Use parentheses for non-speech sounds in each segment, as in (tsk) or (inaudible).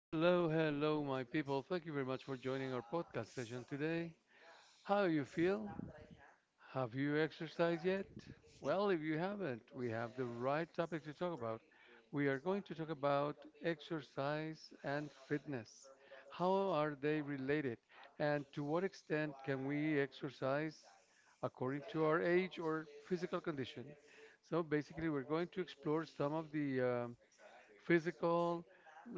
Hello, hello, my people. Thank you very much for joining our podcast session today. How you feel? Have you exercised yet? Well, if (laughs) you haven't, we have the right topic to talk about. We are going to talk about exercise and fitness. How are they related? And to what extent can we exercise according to our age or physical condition? So basically, we're going to explore some of the physical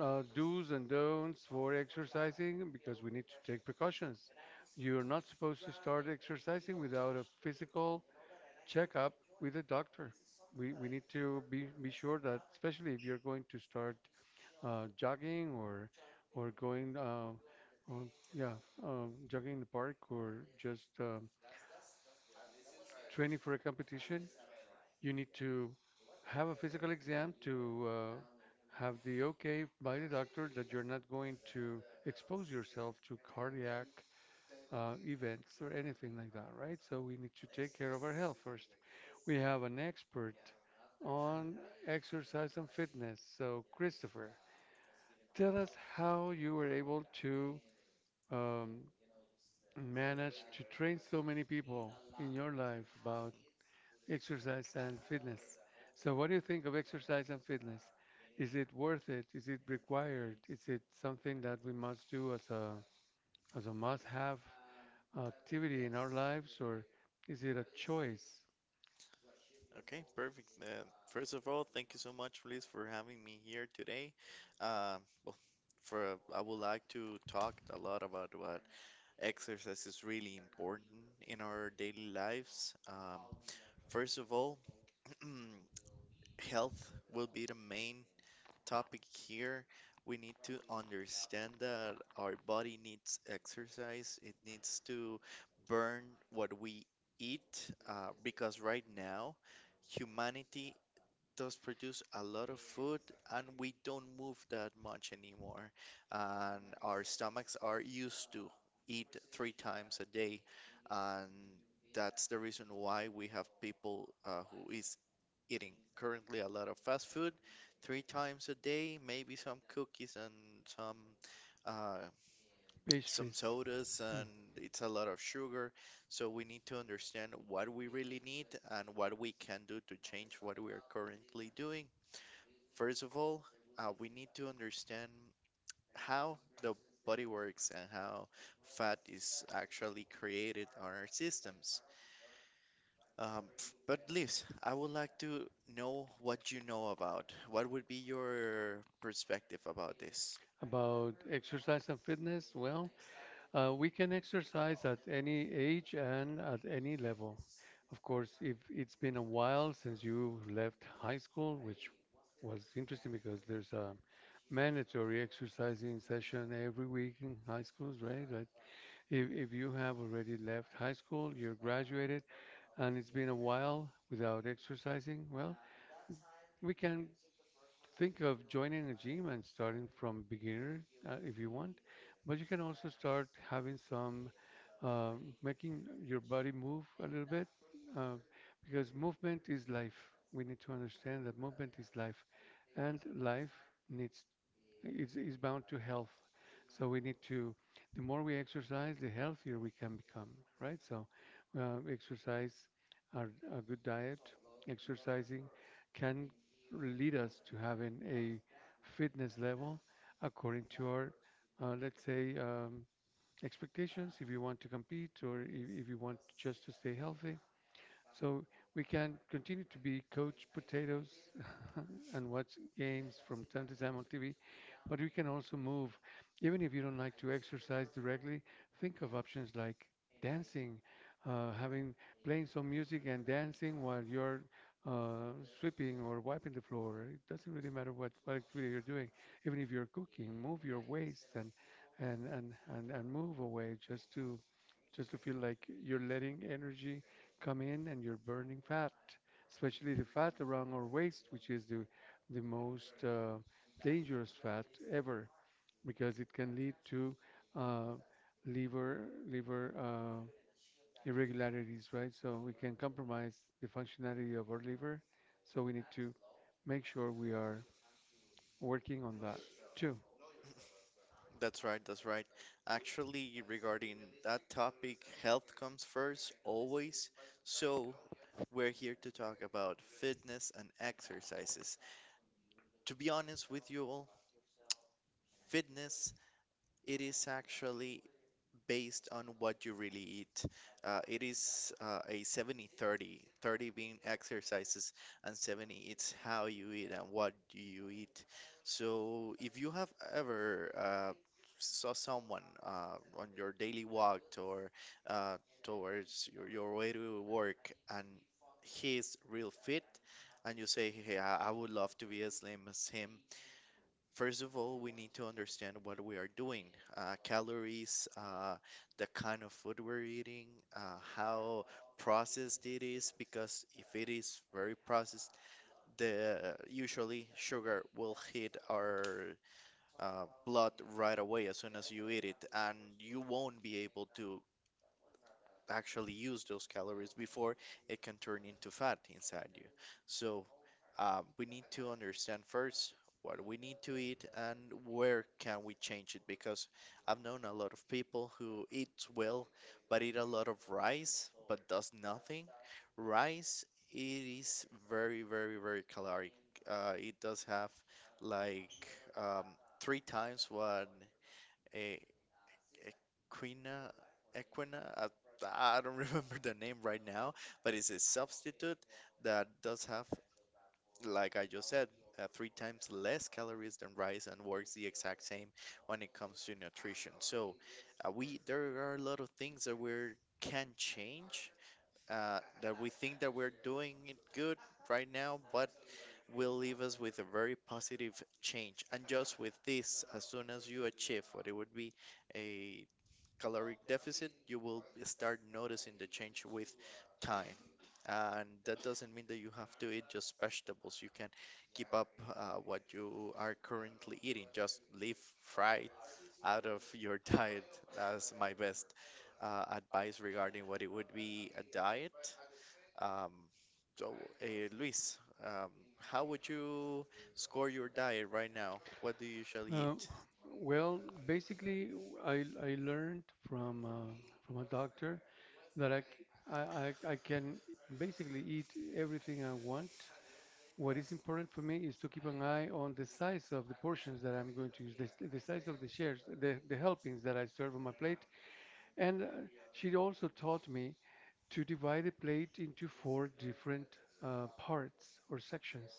do's and don'ts for exercising because we need to take precautions. You're not supposed to start exercising without a physical checkup with a doctor. We need to be sure that, especially if you're going to start jogging or going, on, yeah, jogging in the park or just training for a competition, you need to have a physical exam to have the okay by the doctor that you're not going to expose yourself to cardiac events or anything like that, right? So we need to take care of our health first. We have an expert on exercise and fitness. So, Christopher, tell us how you were able to um, manage to train so many people in your life about exercise and fitness. So, what do you think of exercise and fitness? Is it worth it? Is it required? Is it something that we must do as a must-have activity in our lives, or is it a choice? Okay, perfect. First of all, thank you so much, Luis, for having me here today. Um, well, for I would like to talk a lot about what exercise is really important in our daily lives. First of all, (clears throat) health will be the main topic here. We need to understand that our body needs exercise. It needs to burn what we eat, because right now humanity does produce a lot of food, and we don't move that much anymore. And our stomachs are used to eat three times a day. And that's the reason why we have people who is eating currently a lot of fast food three times a day, maybe some cookies and some, uh, some Pastries. sodas, Hmm. and it's a lot of sugar, so we need to understand what we really need and what we can do to change what we are currently doing. First of all, we need to understand how the body works and how fat is actually created on our systems. Um, but Liz, I would like to know what you know about. What would be your perspective about this? About exercise and fitness, well, we can exercise at any age and at any level. Of course, if it's been a while since you left high school, which was interesting because there's a mandatory exercising session every week in high schools, right? Like if you have already left high school, you're graduated, and it's been a while without exercising, well, we can think of joining a gym and starting from beginner if you want, but you can also start having some making your body move a little bit uh, because movement is life. We need to understand that movement is life, and life needs is bound to health. So the more we exercise, the healthier we can become, right? So uh, exercise, our, a good diet, exercising can lead us to having a fitness level according to our, let's say, expectations if you want to compete or if you want just to stay healthy. So we can continue to be coach potatoes (laughs) and watch games from time to time on TV, but we can also move. Even if you don't like to exercise directly, think of options like dancing, having playing some music and dancing while you're uh, sweeping or wiping the floor. It doesn't really matter what activity you're doing. Even if you're cooking, move your waist and move away just to feel like you're letting energy come in and you're burning fat, especially the fat around our waist, which is the most dangerous fat ever because it can lead to uh, liver irregularities, right? So we can compromise the functionality of our liver. So we need to make sure we are working on that too. That's right, that's right. Actually, regarding that topic, health comes first, always. So, we're here to talk about fitness and exercises. To be honest with you all, fitness, it is actually based on what you really eat. It is a 70/30, 30 being exercises, and 70 it's how you eat and what do you eat. So, if you have ever saw someone on your daily walk or towards your way to work, and he's real fit, and you say, "Hey, I would love to be as slim as him." First of all, we need to understand what we are doing, calories, the kind of food we're eating, how processed it is, because if it is very processed, the usually sugar will hit our blood right away as soon as you eat it, and you won't be able to actually use those calories before it can turn into fat inside you. So, we need to understand first what we need to eat and where can we change it, because I've known a lot of people who eat well but eat a lot of rice but does nothing. Rice, it is very, very, very caloric. It does have like, um, three times what a equina equina, I don't (laughs) remember the name right now, but it's a substitute that does have, like I just said, three times less calories than rice and works the exact same when it comes to nutrition. So we there are a lot of things that we can change, that we think that we're doing it good right now, but will leave us with a very positive change. And just with this, as soon as you achieve what it would be a caloric deficit, you will start noticing the change with time. And that doesn't mean that you have to eat just vegetables. You can keep up what you are currently eating. Just leave fried out of your (laughs) diet. That's my best advice regarding what it would be a diet. Um, so, Luis, um, how would you score your diet right now? What do you usually Uh, eat? well, basically, I learned from uh, from a doctor that I can basically eat everything I want. What is important for me is to keep an eye on the size of the portions that I'm going to use, the size of the shares, the helpings that I serve on my plate. And she also taught me to divide the plate into four different parts or sections.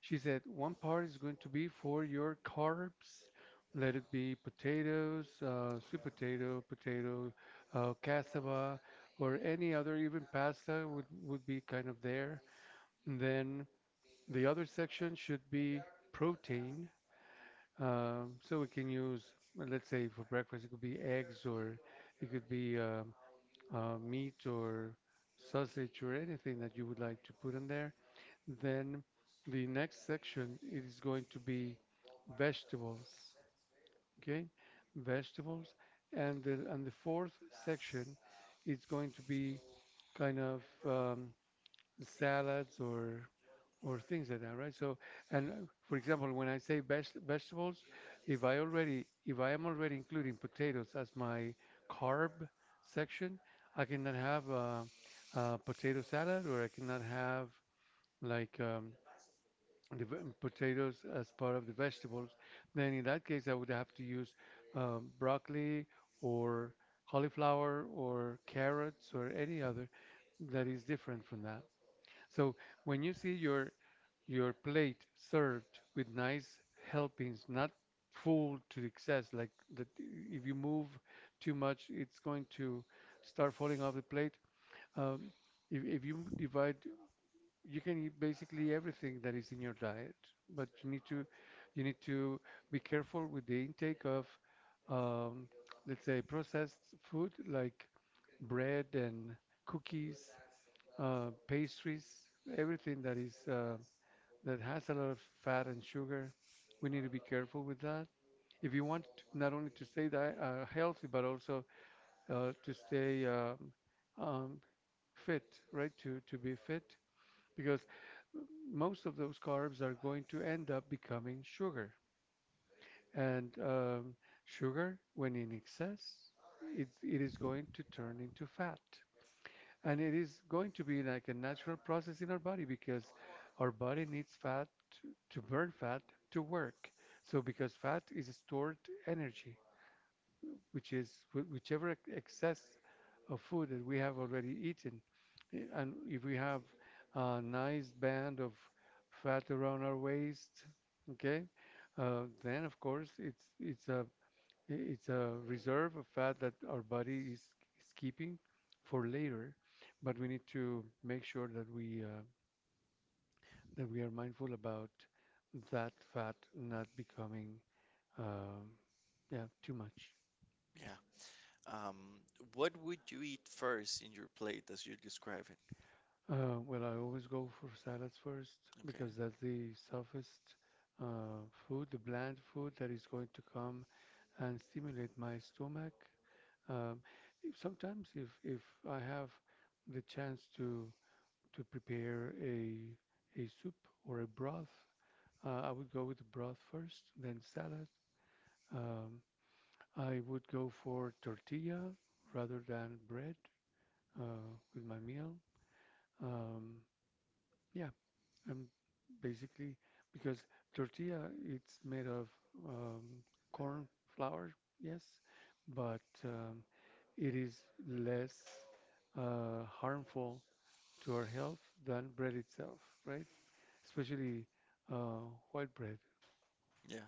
She said one part is going to be for your carbs. Let it be potatoes, sweet potato, potato, cassava, or any other, even pasta would be kind of there. And then the other section should be protein. So we can use, well, let's say for breakfast, it could be eggs or it could be meat or sausage or anything that you would like to put in there. Then the next section is going to be vegetables. Okay, vegetables, and the fourth section is going to be kind of salads or things like that, right? So, and for example, when I say vegetables, if I am already including potatoes as my carb section, I cannot have a potato salad or I cannot have like potatoes as part of the vegetables, then in that case I would have to use broccoli or cauliflower or carrots or any other that is different from that. So when you see your plate served with nice helpings, not full to excess, like that if you move too much, it's going to start falling off the plate. Um, if you divide, you can eat basically everything that is in your diet, but you need to be careful with the intake of um, let's say processed food like bread and cookies, pastries, everything that is that has a lot of fat and sugar. We need to be careful with that. If you want not only to stay healthy but also to stay um, fit, right? To be fit, because most of those carbs are going to end up becoming sugar. And sugar, when in excess, it is going to turn into fat. And it is going to be like a natural process in our body because our body needs fat to burn fat to work. So, because fat is stored energy, which is whichever excess of food that we have already eaten. And if we have a nice band of fat around our waist, okay, then of course it's a reserve of fat that our body is keeping for later, but we need to make sure that we are mindful about that fat not becoming um, yeah too much. Yeah. Um, what would you eat first in your plate as you describe it? Well, I always go for salads first Okay. because that's the softest food, the bland food that is going to come and stimulate my stomach. Um, if, sometimes, if I have the chance to prepare a soup or a broth, I would go with the broth first, then salad. Um, I would go for tortilla rather than bread with my meal. Um, yeah, And basically, because tortilla it's made of um, corn flour, yes, but it is less harmful to our health than bread itself, right? Especially uh, white bread. Yeah.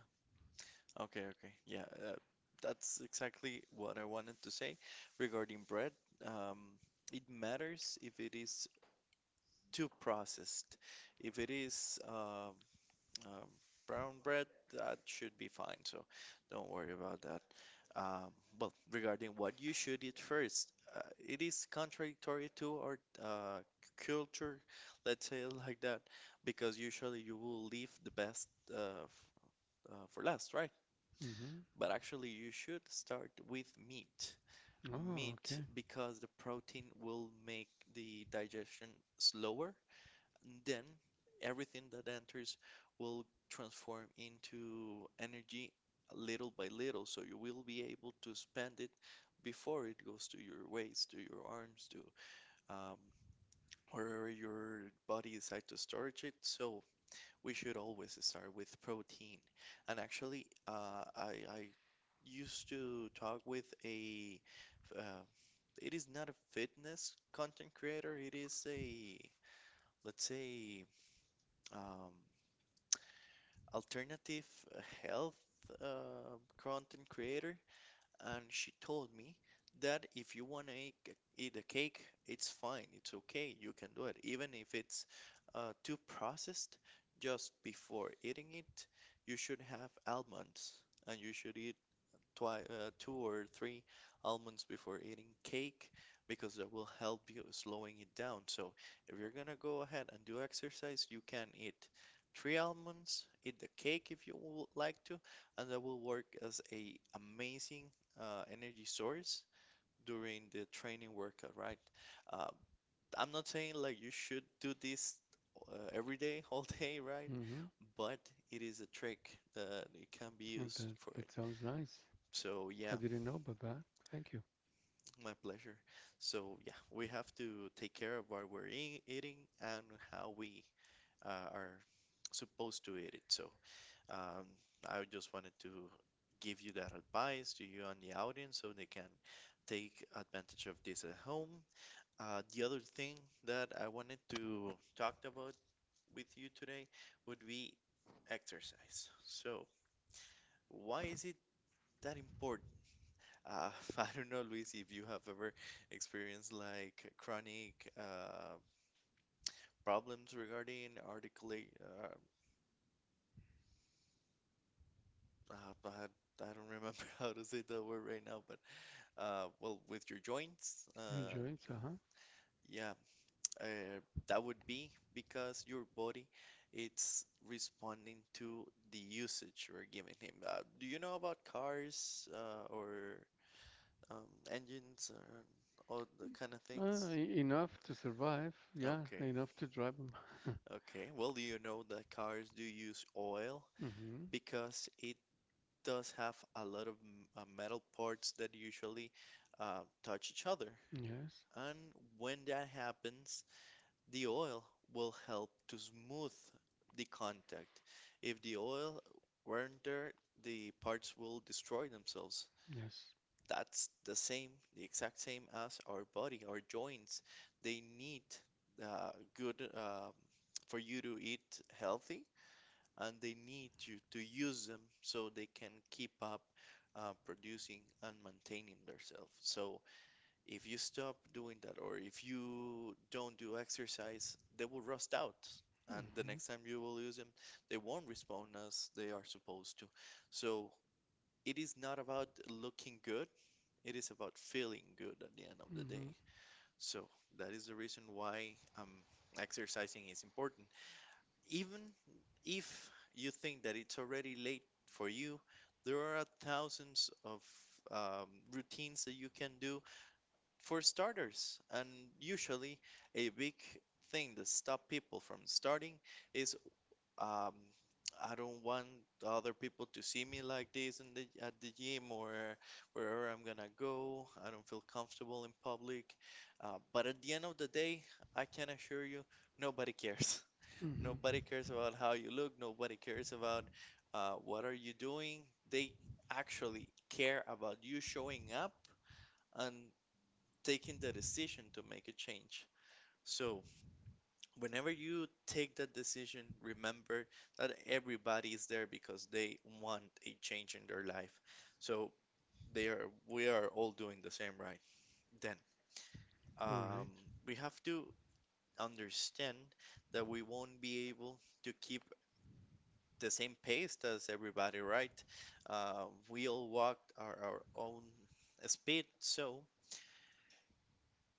Okay. Okay. Yeah. That's exactly what I wanted to say regarding bread. Um, it matters if it is too processed. If it is Um, brown bread, that should be fine, so don't worry about that. Um, well, regarding what you should eat first, it is contradictory to our culture, let's say it like that, because usually you will leave the best for last, right? Hmm. But actually, you should start with meat. Oh, Meat, okay. because the protein will make the digestion slower. Then everything that enters will transform into energy little by little, so you will be able to spend it before it goes to your waist, to your arms, to um, wherever your body decides to storage it. So we should always start with protein. And actually, I used to talk with a, uh, it is not a fitness content creator. It is a, let's say, um, alternative, uh, health, content creator, and she told me that if you want to eat, eat a cake, it's fine, it's okay, you can do it, even if it's too processed. Just before eating it, you should have almonds, and you should eat twi two or three almonds before eating cake, because that will help you slowing it down. So if you're gonna go ahead and do exercise, you can eat three almonds, eat the cake if you would like to, and that will work as a amazing energy source during the training workout, right? Uh, I'm not saying like you should do this every day, (laughs) all day, right? Hmm. But it is a trick that it can be Well, used that for it. that sounds nice. So I yeah, didn't know about that. Thank you. my pleasure. So yeah, we have to take care of what we're eating and how we are supposed to eat it. So um, I just wanted to give you that advice, to you and the audience, so they can take advantage of this at home. The other thing that I wanted to talk about with you today would be exercise. So, why is it that important? Uh, (laughs) I don't know, Luis, if you have ever experienced like chronic uh, problems regarding articulate. Uh, I, I don't remember (laughs) how to say that word right now, but well, with your joints. Your joints, uh-huh. Yeah. Uh, that would be because your body it's responding to the usage you're giving him. Do you know about cars, or um, engines, or all the kind of things? Enough to survive, yeah, Okay. enough to drive them. (laughs) Okay, well, do you know that cars do use oil? Hmm. Because it does have a lot of metal parts that usually touch each other. Yes, And when that happens, the oil will help to smooth the contact. If the oil weren't there, the parts will destroy themselves. yes. That's the same, the exact same as our body, our joints. They need good for you to eat healthy, and they need you to use them so they can keep up producing and maintaining themselves. So if you stop doing that, or if you don't do exercise, they will rust out. And the next time you Hmm. will use them, they won't respond as they are supposed to. So it is not about looking good, it is about feeling good at the end of the day. Hmm. So that is the reason why exercising is important. Even if you think that it's already late for you, there are thousands of routines that you can do for starters, and usually a big thing that stop people from starting is, um, I don't want other people to see me like this in the at the gym or wherever I'm gonna go. I don't feel comfortable in public. But at the end of the day, I can assure you, nobody cares. (laughs) Hmm. Nobody cares about how you look. Nobody cares about what are you doing. They actually care about you showing up and taking the decision to make a change. So, whenever you take that decision, remember that everybody is there because they want a change in their life. So, they are we are all doing the same right. Then, All um, right. we have to understand that we won't be able to keep the same pace as everybody, right? We all walk our own speed, so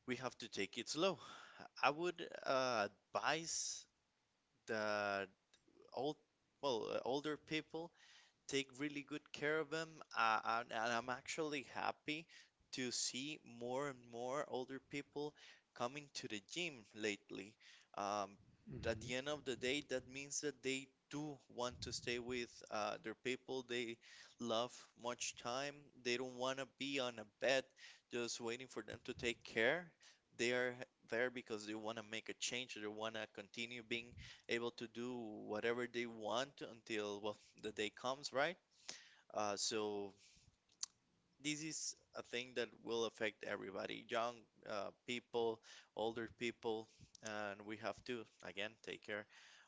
we have to take it slow. I would advise that old older people take really good care of them. And I'm actually happy to see more and more older people coming to the gym lately. Um, at the end of the Mm-hmm. day, that means that they do want to stay with their people they love much time. They don't want to be on a bed just waiting for them to take care. They are there because they want to make a change. They want to continue being able to do whatever they want until, well, the day comes, right? So this is a thing that will affect everybody, young people, older people, and we have to again take care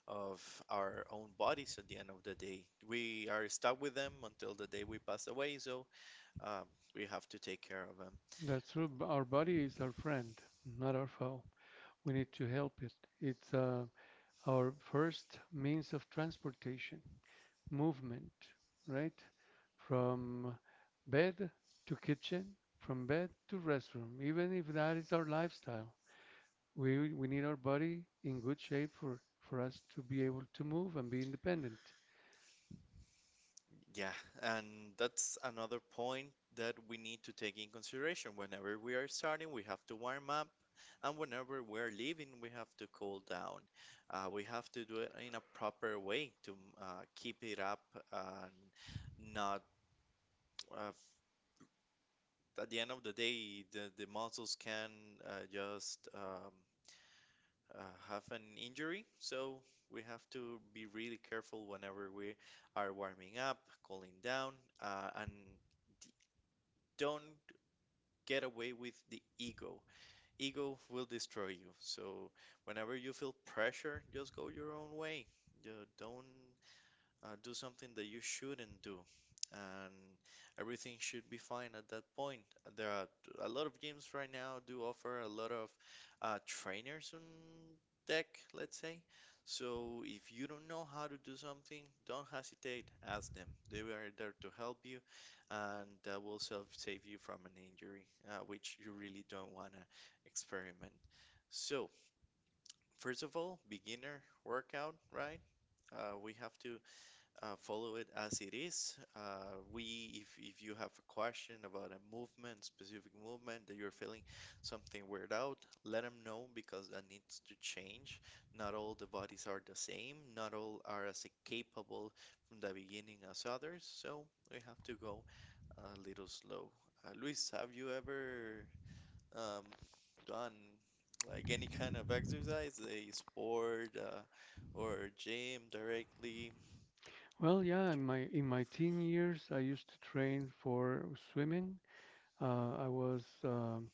of our own bodies at the end of the day. We are stuck with them until the day we pass away, so um, we have to take care of them. That's true. Our body is our friend, not our foe. We need to help it. It's our first means of transportation, movement, right? From bed to kitchen, from bed to restroom, even if that is our lifestyle. We need our body in good shape for us to be able to move and be independent. Yeah, and that's another point that we need to take in consideration. Whenever we are starting, we have to warm up, and whenever we're leaving, we have to cool down. We have to do it in a proper way to keep it up and not, uh, at the end of the day, the muscles can just uh, have an injury. So we have to be really careful whenever we are warming up, cooling down, and don't get away with the ego. Ego will destroy you. So whenever you feel pressure, just go your own way. You don't do something that you shouldn't do, and everything should be fine at that point. And There are a lot of games right now do offer a lot of trainers on deck, let's say. So if you don't know how to do something, don't hesitate, ask them. They are there to help you, and that will self save you from an injury, which you really don't want to experiment. So, first of all, beginner workout, right? We have to follow it as it is. We, if you have a question about a movement, specific movement that you're feeling something weird out, let them know because that needs to change. Not all the bodies are the same. Not all are as capable from the beginning as others. So we have to go a little slow. Luis, have you ever um, done like any kind of exercise, a sport or gym directly? Well, yeah, in my teen years, I used to train for swimming. I was um,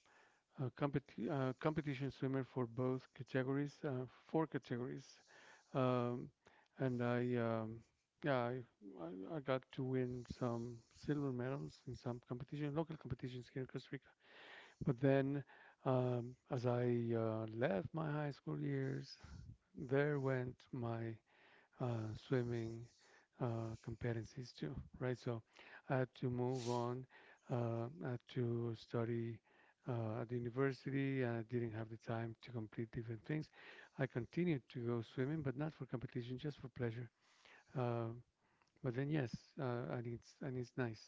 Uh, competi- uh, competition swimmer for both categories, four categories, um, and I, yeah, I got to win some silver medals in some competition, local competitions here in Costa Rica. But then, as I left my high school years, there went my swimming competencies too, right? So I had to move on, I had to study at the university. I didn't have the time to complete different things. I continued to go swimming, but not for competition, just for pleasure. Uh, but then yes, and it's nice.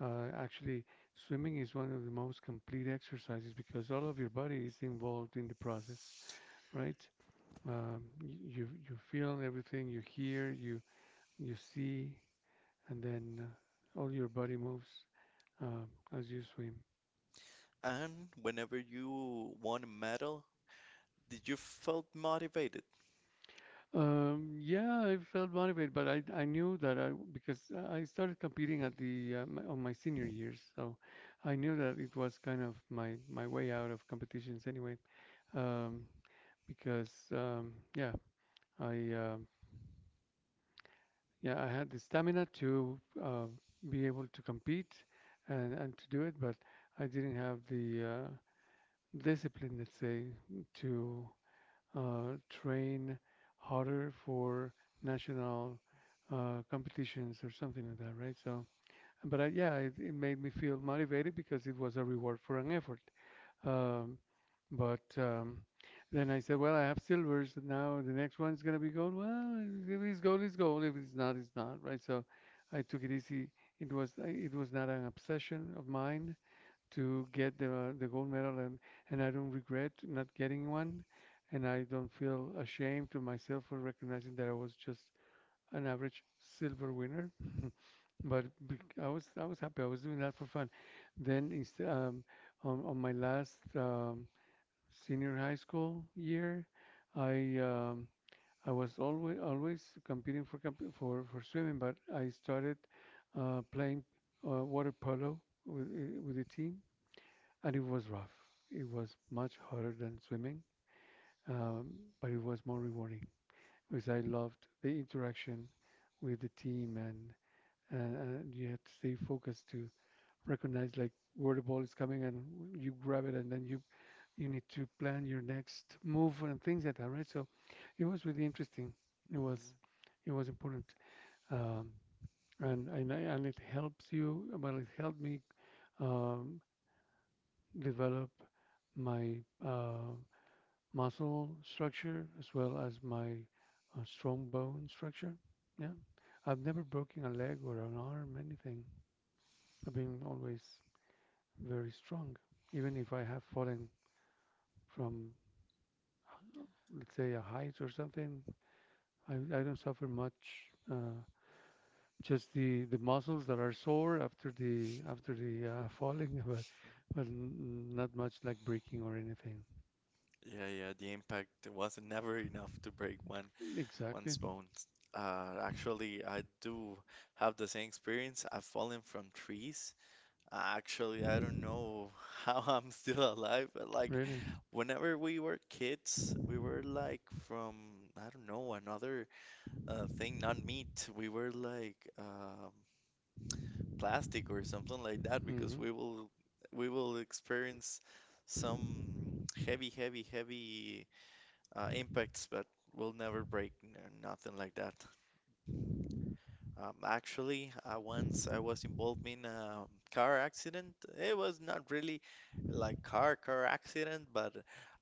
Actually, swimming is one of the most complete exercises because all of your body is involved in the process, right? You feel everything, you hear, you see, and then all your body moves uh, as you swim. And whenever you won a medal, did you felt motivated? Yeah, I felt motivated, but I knew that I because I started competing at on my senior years, so I knew that it was kind of my way out of competitions anyway. Um, because um, yeah, I um yeah I had the stamina to be able to compete and to do it, but I didn't have the discipline, let's say, to train harder for national competitions or something like that, right? So, but I, yeah, it made me feel motivated because it was a reward for an effort. Um, but then I said, well, I have silvers. Now the next one's gonna be gold. Well, if it's gold, it's gold. If it's not, it's not, right? So I took it easy. It was not an obsession of mine to get the gold medal and I don't regret not getting one, and I don't feel ashamed to myself for recognizing that I was just an average silver winner, but I was happy. I was doing that for fun. Then on my last senior high school year I um, I was always competing for swimming but I started playing water polo with the team, and it was rough. It was much harder than swimming, um, but it was more rewarding because I loved the interaction with the team, and you had to stay focused to recognize like where the ball is coming, and you grab it, and then you need to plan your next move and things like that, right? So it was really interesting. It was, Mm, it was important. Um, and, and I- and it helps you, well, it helped me um, develop my uh, muscle structure as well as my strong bone structure. Yeah, I've never broken a leg or an arm, anything. I've been always very strong. Even if I have fallen from, uh, let's say, a height or something, I don't suffer much. Uh, just the muscles that are sore after the falling, (laughs) but but not much like breaking or anything. yeah, yeah, the impact was never enough to break one Exactly. one's bones. Actually, I do have the same experience. I've fallen from trees. Actually, I don't know (laughs) how I'm still alive, but like Really. whenever we were kids, we were like from, I don't know, another thing, not meat. We were like plastic or something like that because hmm we will experience some heavy, heavy, heavy impacts, but we'll never nothing like that. Actually, once I was involved in a car accident. It was not really like car accident, but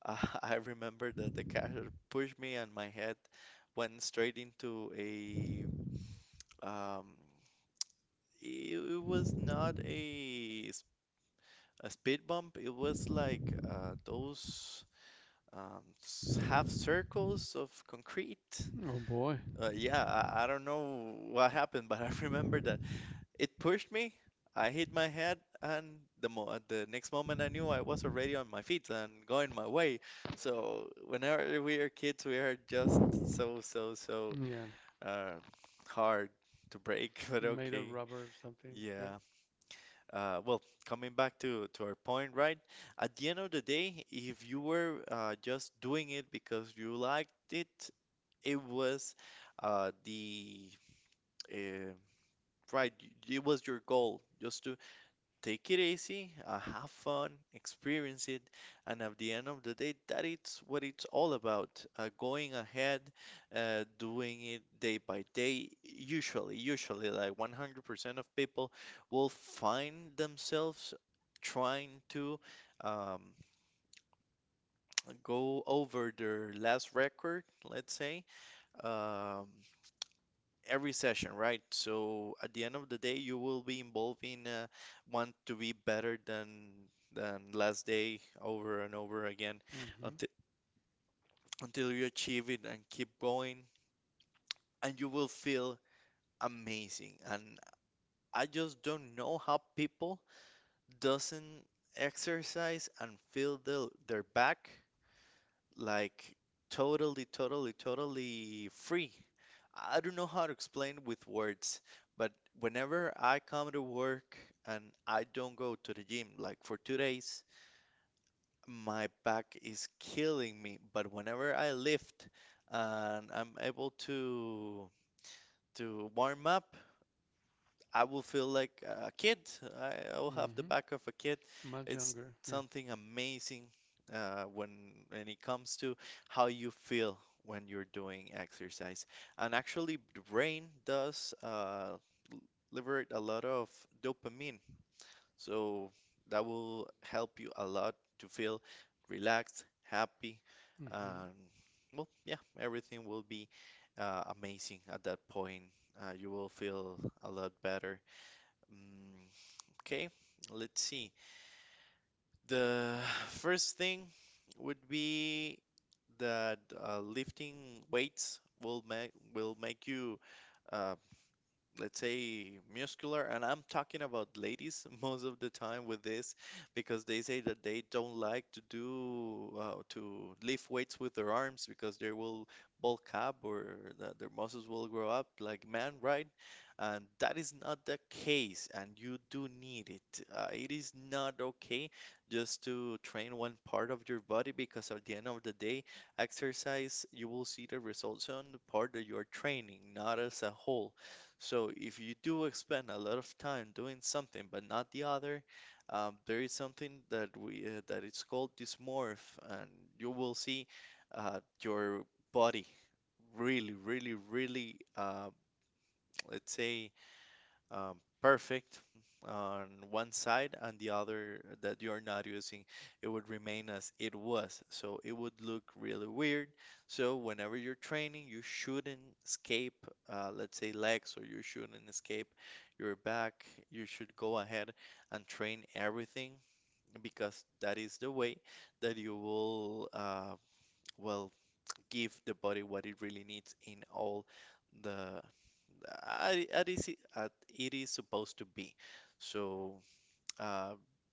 uh, (laughs) I remember that the car pushed me and my head went straight into a um, it was not a a speed bump. It was like those half circles of concrete. Oh boy. Yeah, I don't know what happened, but (laughs) I remember that it pushed me. I hit my head, and the the next moment I knew I was already on my feet and going my way. So whenever we are kids, we are just so Yeah. uh, hard to break. (laughs) But Made of okay, rubber or something. Yep. yeah. Uh, well, coming back to our point, right? At the end of the day, if you were just doing it because you liked it, it was uh, the uh, It was your goal just take it easy, have fun, experience it, and at the end of the day, that is what it's all about. Going ahead, doing it day by day. Usually, like 100% of people will find themselves trying to um, (tsk) go over their last record, let's say. Um, every session, right? So at the end of the day, you will be involved in want to be better than last day over and over again Mm-hmm. until until you achieve it and keep going, and you will feel amazing. And I just don't know how people doesn't exercise and feel their back like totally free. I don't know how to explain with words, but whenever I come to work and I don't go to the gym, like for 2 days, my back is killing me. But whenever I lift and I'm able to warm up, I will feel like a kid. I will have the Mm-hmm. back of a kid. Much It's younger. Yeah. something amazing uh, when when it comes to how you feel when you're doing exercise. And actually, the brain does liberate a lot of dopamine. So that will help you a lot to feel relaxed, happy, Mm-hmm. and well, yeah, everything will be amazing at that point. You will feel a lot better. Mm, okay, let's see. The first thing would be that lifting weights will make you uh, let's say muscular, and I'm talking about ladies (laughs) most of the time with this because they say that they don't like to do to lift weights with their arms because they will bulk up, or that their muscles will grow up like man, right? And that is not the case, and you do need it. Uh, it is not okay just to train one part of your body, because at the end of the day exercise you will see the results on the part that you're training, not as a whole. So if you do spend a lot of time doing something but not the other, there is something that we that it's called dysmorph, and you will see your body really, let's say um, perfect on one side, and the other that you're not using, it would remain as it was. So it would look really weird. So whenever you're training, you shouldn't escape, let's say, legs, or you shouldn't escape your back. You should go ahead and train everything, because that is the way that you will, well, give the body what it really needs in all the is uh, it is supposed to be. So, uh,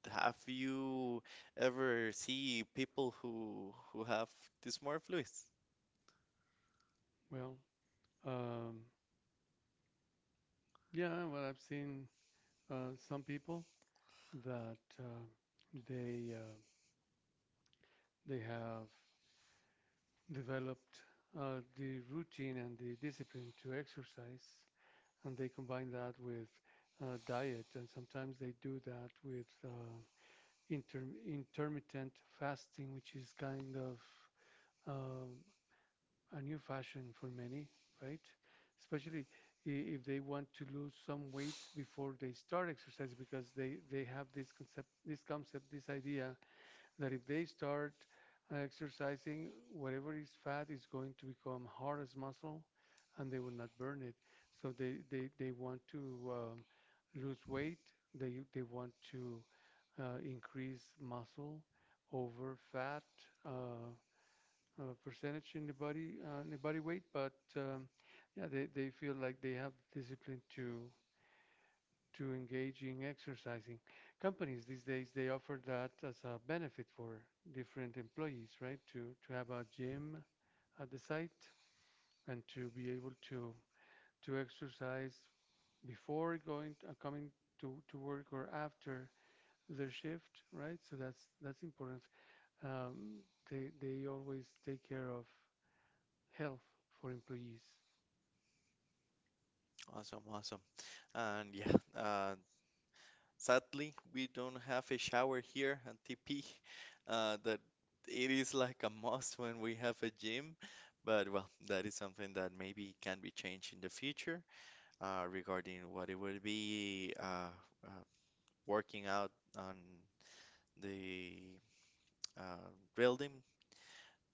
have you ever see people who have dysmorphia? Well, um, yeah. Well, I've seen some people that they uh, they have developed the routine and the discipline to exercise, and they combine that with diet, and sometimes they do that with intermittent fasting, which is kind of um a new fashion for many, right? Especially if they want to lose some weight before they start exercise, because they have this concept, this concept, this idea that if they start exercising, whatever is fat is going to become hard as muscle and they will not burn it. So they want to lose weight, they want to increase muscle over fat uh, percentage in the body weight, but they feel like they have discipline to engage in exercising. Companies these days, they offer that as a benefit for different employees, right? To have a gym at the site and to be able to exercise before going coming to work or after their shift, right? So that's important. Um, they always take care of health for employees. Awesome, awesome. And yeah, sadly, we don't have a shower here at TP. That it is like a must when we have a gym. But well, that is something that maybe can be changed in the future regarding what it would be uh, working out on the uh, drilled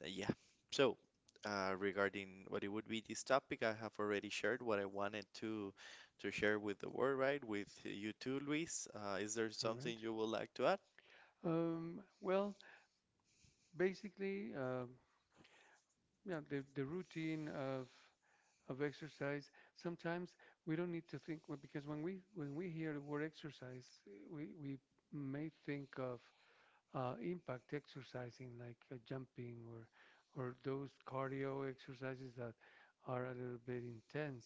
uh, yeah. So, regarding what it would be this topic, I have already shared what I wanted to share with the world, right? With you too, Luis. Is there All right. something you would like to add? To add? Well, basically, yeah, the routine of exercise. Sometimes we don't need to think, well, because when we hear the word exercise, we may think of impact exercising like jumping or those cardio exercises that are a little bit intense.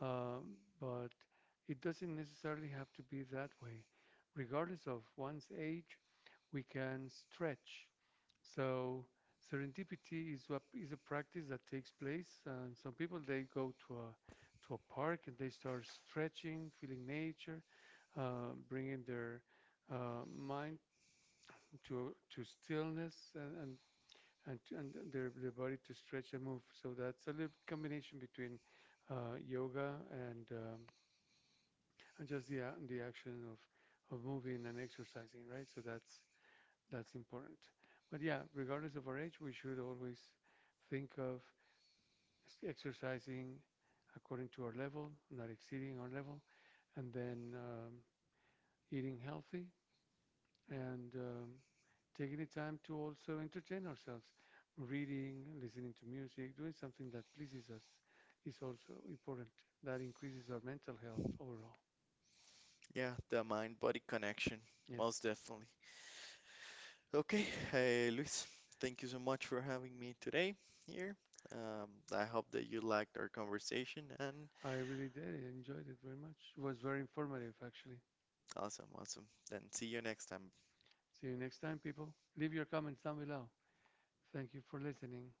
But it doesn't necessarily have to be that way. Regardless of one's age, we can stretch, so serendipity is what is a practice that takes place. And some people, they go to a park and they start stretching, feeling nature, bringing their mind to stillness and and their body to stretch and move. So that's a little combination between yoga and just the action of moving and exercising, right? So that's important. But yeah, regardless of our age, we should always think of exercising according to our level, not exceeding our level, and then eating healthy and taking the time to also entertain ourselves. Reading, listening to music, doing something that pleases us is also important. That increases our mental health overall. Yeah, the mind-body connection, Yes, most definitely. Okay, hey, Luis, thank you so much for having me today here. Um, I hope that you liked our conversation, and I really did. I enjoyed it very much. It was very informative, actually. awesome, awesome. Then see you next time. See you next time, people. Leave your comments down below. Thank you for listening.